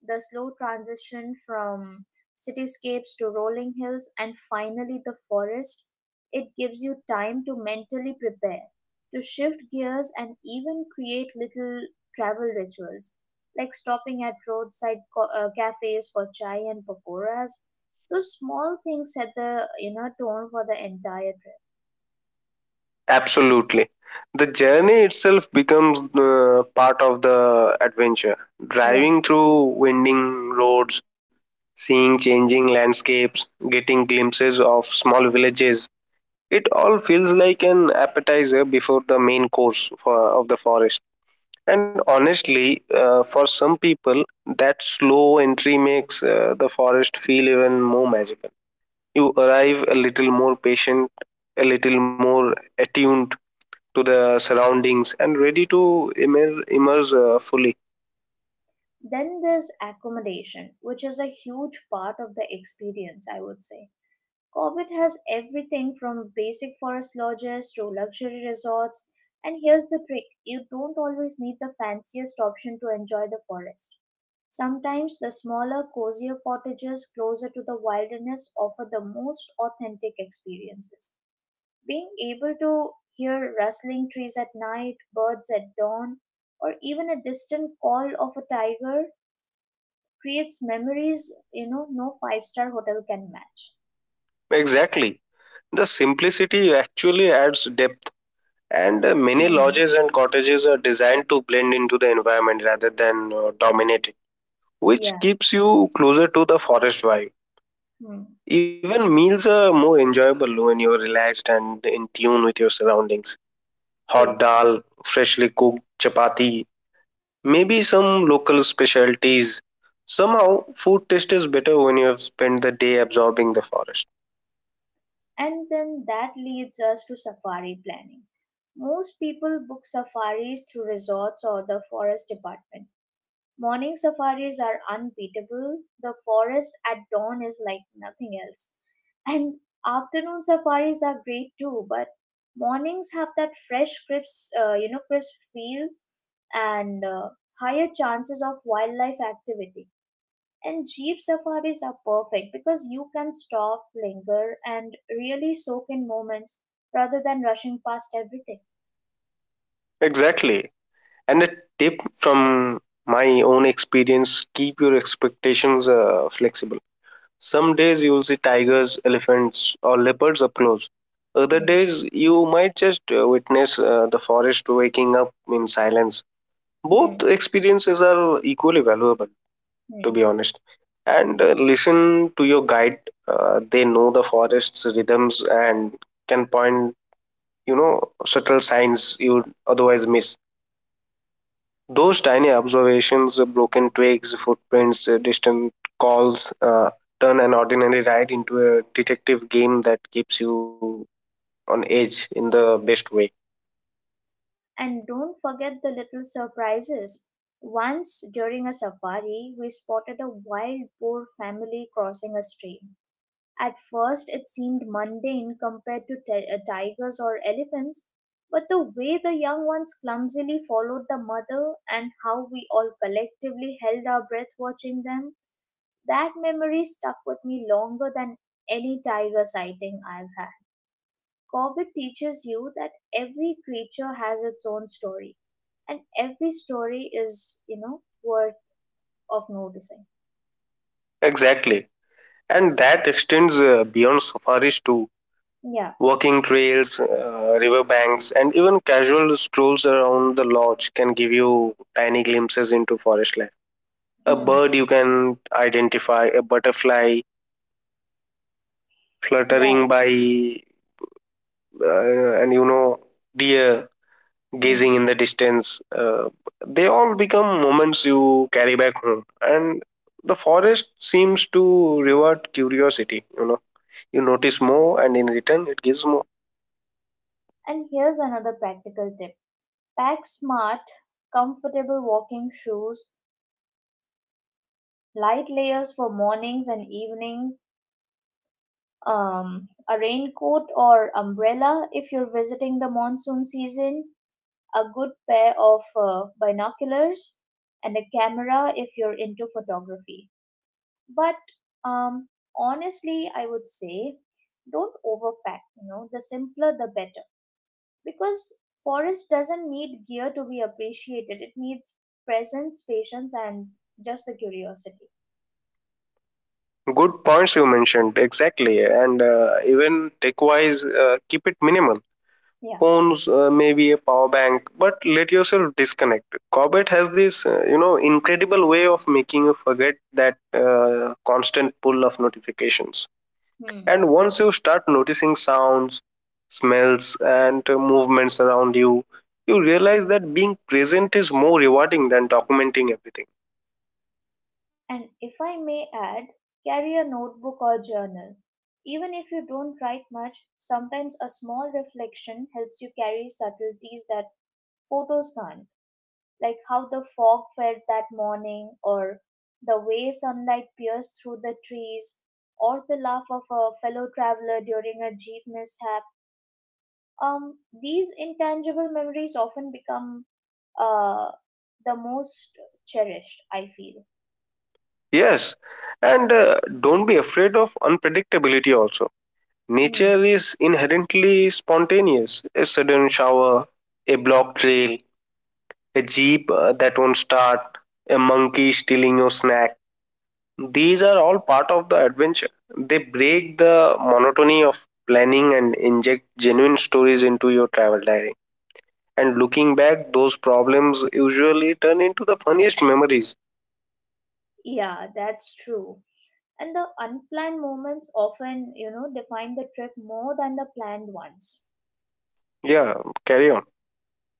[SPEAKER 1] The slow transition from cityscapes to rolling hills and finally the forest, it gives you time to mentally prepare, to shift gears and even create little travel rituals, like stopping at roadside cafes for chai and pakoras. Those small things set the tone for the entire trip.
[SPEAKER 2] Absolutely, the journey itself becomes part of the adventure.
[SPEAKER 1] Yeah.
[SPEAKER 2] Driving through winding roads, seeing changing landscapes, getting glimpses of small villages, it all feels like an appetizer before the main course of the forest. And honestly, for some people, that slow entry makes the forest feel even more magical. You arrive a little more patient, a little more attuned to the surroundings, and ready to immerse fully.
[SPEAKER 1] Then there's accommodation, which is a huge part of the experience, I would say. Corbett has everything from basic forest lodges to luxury resorts. And here's the trick, you don't always need the fanciest option to enjoy the forest. Sometimes the smaller, cozier cottages closer to the wilderness offer the most authentic experiences. Being able to hear rustling trees at night, birds at dawn, or even a distant call of a tiger creates memories, you know, no five-star hotel can match.
[SPEAKER 2] Exactly. The simplicity actually adds depth, and many
[SPEAKER 1] Hmm.
[SPEAKER 2] lodges and cottages are designed to blend into the environment rather than dominate it,
[SPEAKER 1] Yeah.
[SPEAKER 2] which keeps you closer to the forest vibe.
[SPEAKER 1] Hmm.
[SPEAKER 2] Even meals are more enjoyable when you're relaxed and in tune with your surroundings.
[SPEAKER 1] True.
[SPEAKER 2] Hot dal, freshly cooked chapati, maybe some local specialties. Somehow, food taste is better when you have spent the day absorbing the forest.
[SPEAKER 1] And then that leads us to safari planning. Most people book safaris through resorts or the forest department. Morning safaris are unbeatable. The forest at dawn is like nothing else. And afternoon safaris are great too, but mornings have that fresh, crisp, crisp feel and higher chances of wildlife activity. And jeep safaris are perfect because you can stop, linger, and really soak in moments rather than rushing past everything.
[SPEAKER 2] Exactly. And a tip from my own experience, keep your expectations flexible. Some days you'll see tigers, elephants, or leopards up close. Other
[SPEAKER 1] Hmm.
[SPEAKER 2] days you might just witness the forest waking up in silence. Both
[SPEAKER 1] Hmm.
[SPEAKER 2] experiences are equally valuable, to be
[SPEAKER 1] Hmm.
[SPEAKER 2] honest. And listen to your guide. They know the forest's rhythms and can point, you know, subtle signs you'd otherwise miss. Those tiny observations, broken twigs, footprints, distant calls, turn an ordinary ride into a detective game that keeps you on edge in the best way.
[SPEAKER 1] And don't forget the little surprises. Once during a safari, we spotted a wild boar family crossing a stream. At first, it seemed mundane compared to tigers or elephants, but the way the young ones clumsily followed the mother and how we all collectively held our breath watching them, that memory stuck with me longer than any tiger sighting I've had. Corbett teaches you that every creature has its own story, and every story is, you know, worth of noticing.
[SPEAKER 2] Exactly. And that extends beyond safaris too.
[SPEAKER 1] Yeah.
[SPEAKER 2] Walking trails, riverbanks, and even casual strolls around the lodge can give you tiny glimpses into forest life. A
[SPEAKER 1] Hmm.
[SPEAKER 2] bird you can identify, a butterfly fluttering
[SPEAKER 1] Right.
[SPEAKER 2] by, uh, and you know, deer
[SPEAKER 1] Hmm.
[SPEAKER 2] gazing in the distance, they all become moments you carry back home, and the forest seems to reward curiosity. You know, you notice more, and in return it gives more.
[SPEAKER 1] And here's another practical tip: pack smart, comfortable walking shoes, light layers for mornings and evenings, a raincoat or umbrella if you're visiting the monsoon season, a good pair of binoculars, and a camera if you're into photography. But um, Honestly, I would say don't overpack, you know, the simpler the better. Because forest doesn't need gear to be appreciated, it needs presence, patience, and just the curiosity.
[SPEAKER 2] Good points you mentioned, exactly. And even tech wise keep it minimal.
[SPEAKER 1] Yeah.
[SPEAKER 2] Phones, maybe a power bank, but let yourself disconnect. Corbett has this incredible way of making you forget that constant pull of notifications. And
[SPEAKER 1] Hmm.
[SPEAKER 2] once you start noticing sounds, smells, and movements around you, you realize that being present is more rewarding than documenting everything.
[SPEAKER 1] And if I may add, carry a notebook or journal. Even if you don't write much, sometimes a small reflection helps you carry subtleties that photos can't, like how the fog felt that morning, or the way sunlight pierced through the trees, or the laugh of a fellow traveler during a jeep mishap. These intangible memories often become uh, the most cherished, I feel.
[SPEAKER 2] Yes, and don't be afraid of unpredictability also. Nature
[SPEAKER 1] Hmm.
[SPEAKER 2] is inherently spontaneous. A sudden shower, a blocked trail, a jeep that won't start, a monkey stealing your snack. These are all part of the adventure. They break the monotony of planning and inject genuine stories into your travel diary. And looking back, those problems usually turn into the funniest memories.
[SPEAKER 1] Yeah, that's true. And the unplanned moments often, you know, define the trip more than the planned ones.
[SPEAKER 2] Yeah, carry on.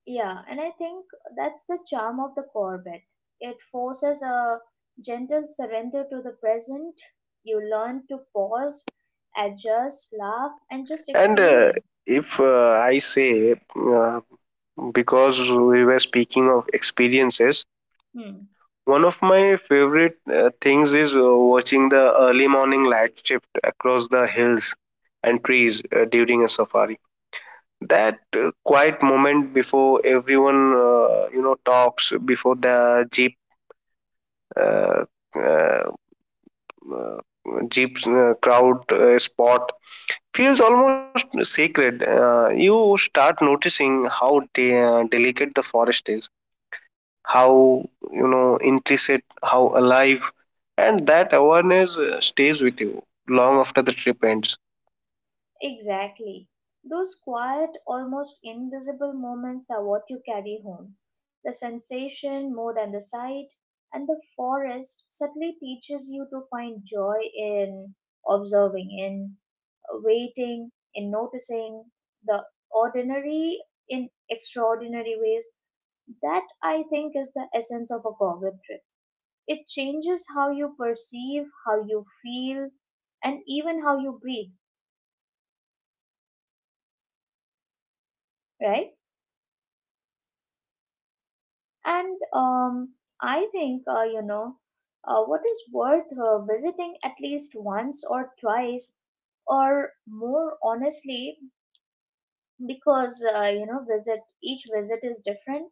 [SPEAKER 1] Yeah, and I think that's the charm of the Corbett. It forces a gentle surrender to the present. You learn to pause, adjust, laugh, and just
[SPEAKER 2] And uh,
[SPEAKER 1] experience.
[SPEAKER 2] if uh, I say, because we were speaking of experiences,
[SPEAKER 1] Hmm.
[SPEAKER 2] one of my favorite things is watching the early morning light shift across the hills and trees during a safari, that quiet moment before everyone talks, before the uh, uh, uh, jeep crowd spot, feels almost sacred. You start noticing how delicate the forest is, how, you know, intricate, how alive, and that awareness stays with you long after the trip ends.
[SPEAKER 1] Exactly. Those quiet, almost invisible moments are what you carry home. The sensation more than the sight, and the forest subtly teaches you to find joy in observing, in waiting, in noticing the ordinary in extraordinary ways. That I think is the essence of a Goblin trip. It changes how you perceive, how you feel, and even how you breathe, right? And I think, you know, What is worth visiting at least once or twice or more honestly, because, you know, visit each visit is different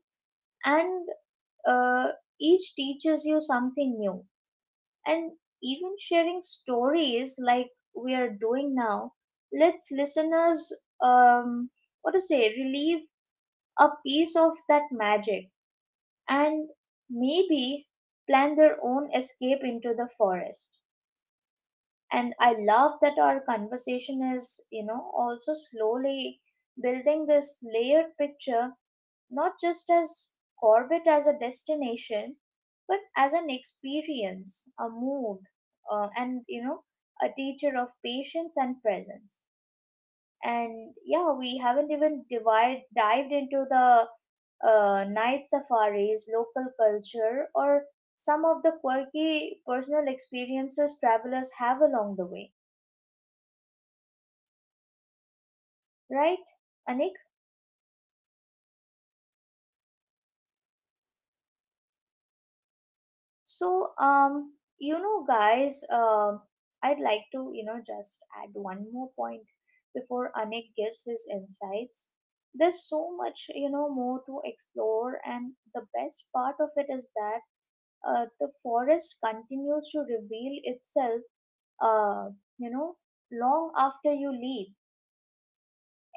[SPEAKER 1] and uh, each teaches you something new. And even sharing stories like we are doing now lets listeners, um, what to say, relieve a piece of that magic and maybe plan their own escape into the forest. And I love that our conversation is, you know, also slowly building this layered picture, not just as Corbett as a destination, but as an experience, a mood, and, you know, a teacher of patience and presence. And yeah, we haven't even dived into the night safaris, local culture, or some of the quirky personal experiences travelers have along the way, right, Anik? So, um, you know, guys, I'd like to, you know, just add one more point before Anik gives his insights. There's so much, you know, more to explore, and the best part of it is that the forest continues to reveal itself, uh, you know, long after you leave.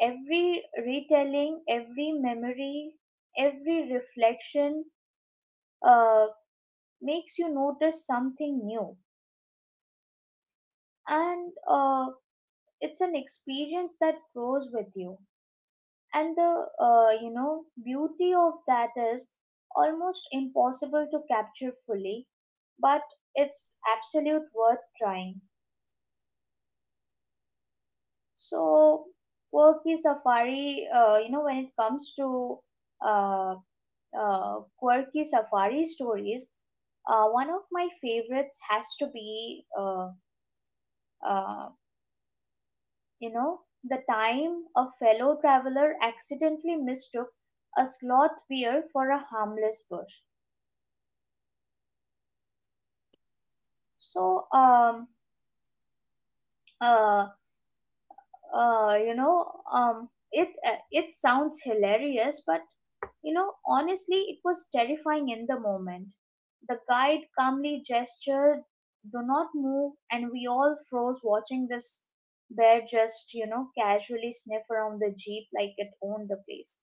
[SPEAKER 1] Every retelling, every memory, every reflection uh, makes you notice something new. And It's an experience that grows with you. And the you know, beauty of that is almost impossible to capture fully, but it's absolute worth trying. So quirky safari, you know, when it comes to uh, quirky safari stories, one of my favorites has to be, uh, you know, the time a fellow traveler accidentally mistook a sloth bear for a harmless bush. So, uh, you know, it It sounds hilarious, but you know, honestly, it was terrifying in the moment. The guide calmly gestured, do not move, and we all froze watching this bear just, you know, casually sniff around the jeep like it owned the place.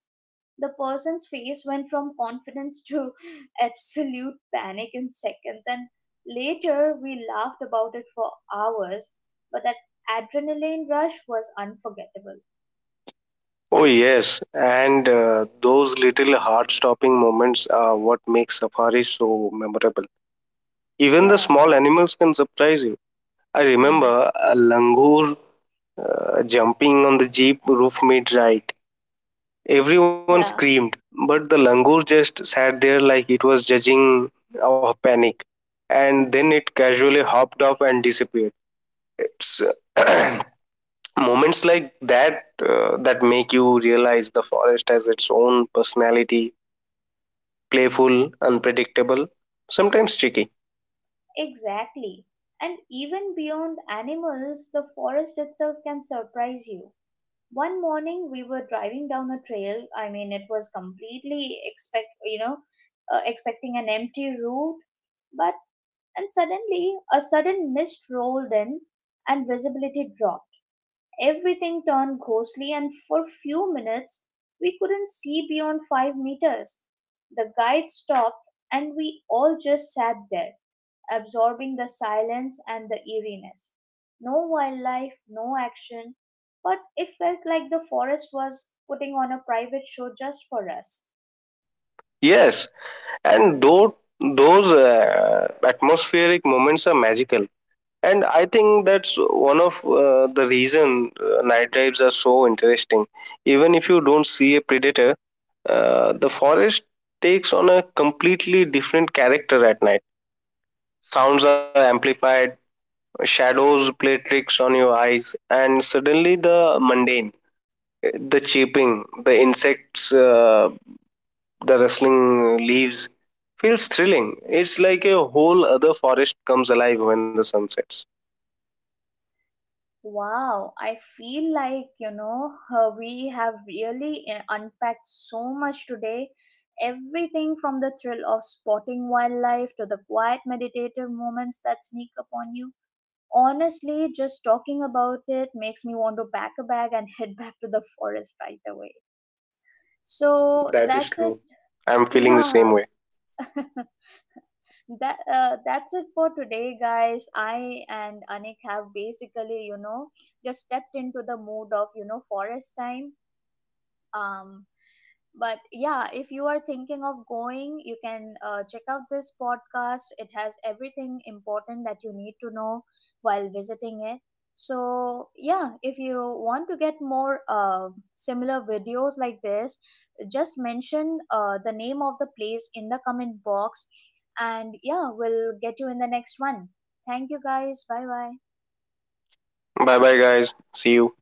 [SPEAKER 1] The person's face went from confidence to absolute panic in seconds, and later we laughed about it for hours, but that adrenaline rush was unforgettable.
[SPEAKER 2] Oh yes, and those little heart-stopping moments are what make safaris so memorable. Even the
[SPEAKER 1] Yeah.
[SPEAKER 2] small animals can surprise you. I
[SPEAKER 1] Hmm.
[SPEAKER 2] remember a langur jumping on the jeep roof mid-ride. Everyone
[SPEAKER 1] Yeah.
[SPEAKER 2] screamed, but the langur just sat there like it was judging our panic, and then it casually hopped up and disappeared. It's moments like that that make you realize the forest has its own personality, playful, unpredictable, sometimes tricky.
[SPEAKER 1] Exactly. And even beyond animals, the forest itself can surprise you. One morning we were driving down a trail. I mean, it was completely expecting an empty route, but and suddenly a sudden mist rolled in and visibility dropped. Everything turned ghostly, and for a few minutes we couldn't see beyond 5 meters. The guide stopped, and we all just sat there, absorbing the silence and the eeriness. No wildlife, no action, but it felt like the forest was putting on a private show just for us.
[SPEAKER 2] Yes, and though those atmospheric moments are magical, and I think that's one of the reason night drives are so interesting. Even if you don't see a predator, the forest takes on a completely different character at night. Sounds are amplified, shadows play tricks on your eyes, and suddenly the mundane, the chirping, the insects, the rustling leaves, feels thrilling. It's like a whole other forest comes alive when the sun sets.
[SPEAKER 1] Wow, I feel like, you know, we have really unpacked so much today. Everything from the thrill of spotting wildlife to the quiet meditative moments that sneak upon you. Honestly, just talking about it makes me want to pack a bag and head back to the forest right away. So
[SPEAKER 2] That is
[SPEAKER 1] that's it.
[SPEAKER 2] true. I'm feeling the
[SPEAKER 1] Yeah.
[SPEAKER 2] same way.
[SPEAKER 1] That's it for today, guys. I and Anik have basically, you know, just stepped into the mood of, you know, forest time. um but yeah, if you are thinking of going, you can check out this podcast. It has everything important that you need to know while visiting it. So yeah, if you want to get more similar videos like this, just mention the name of the place in the comment box, and yeah, we'll get you in the next one. Thank you, guys. Bye bye.
[SPEAKER 2] Bye bye, guys. See you.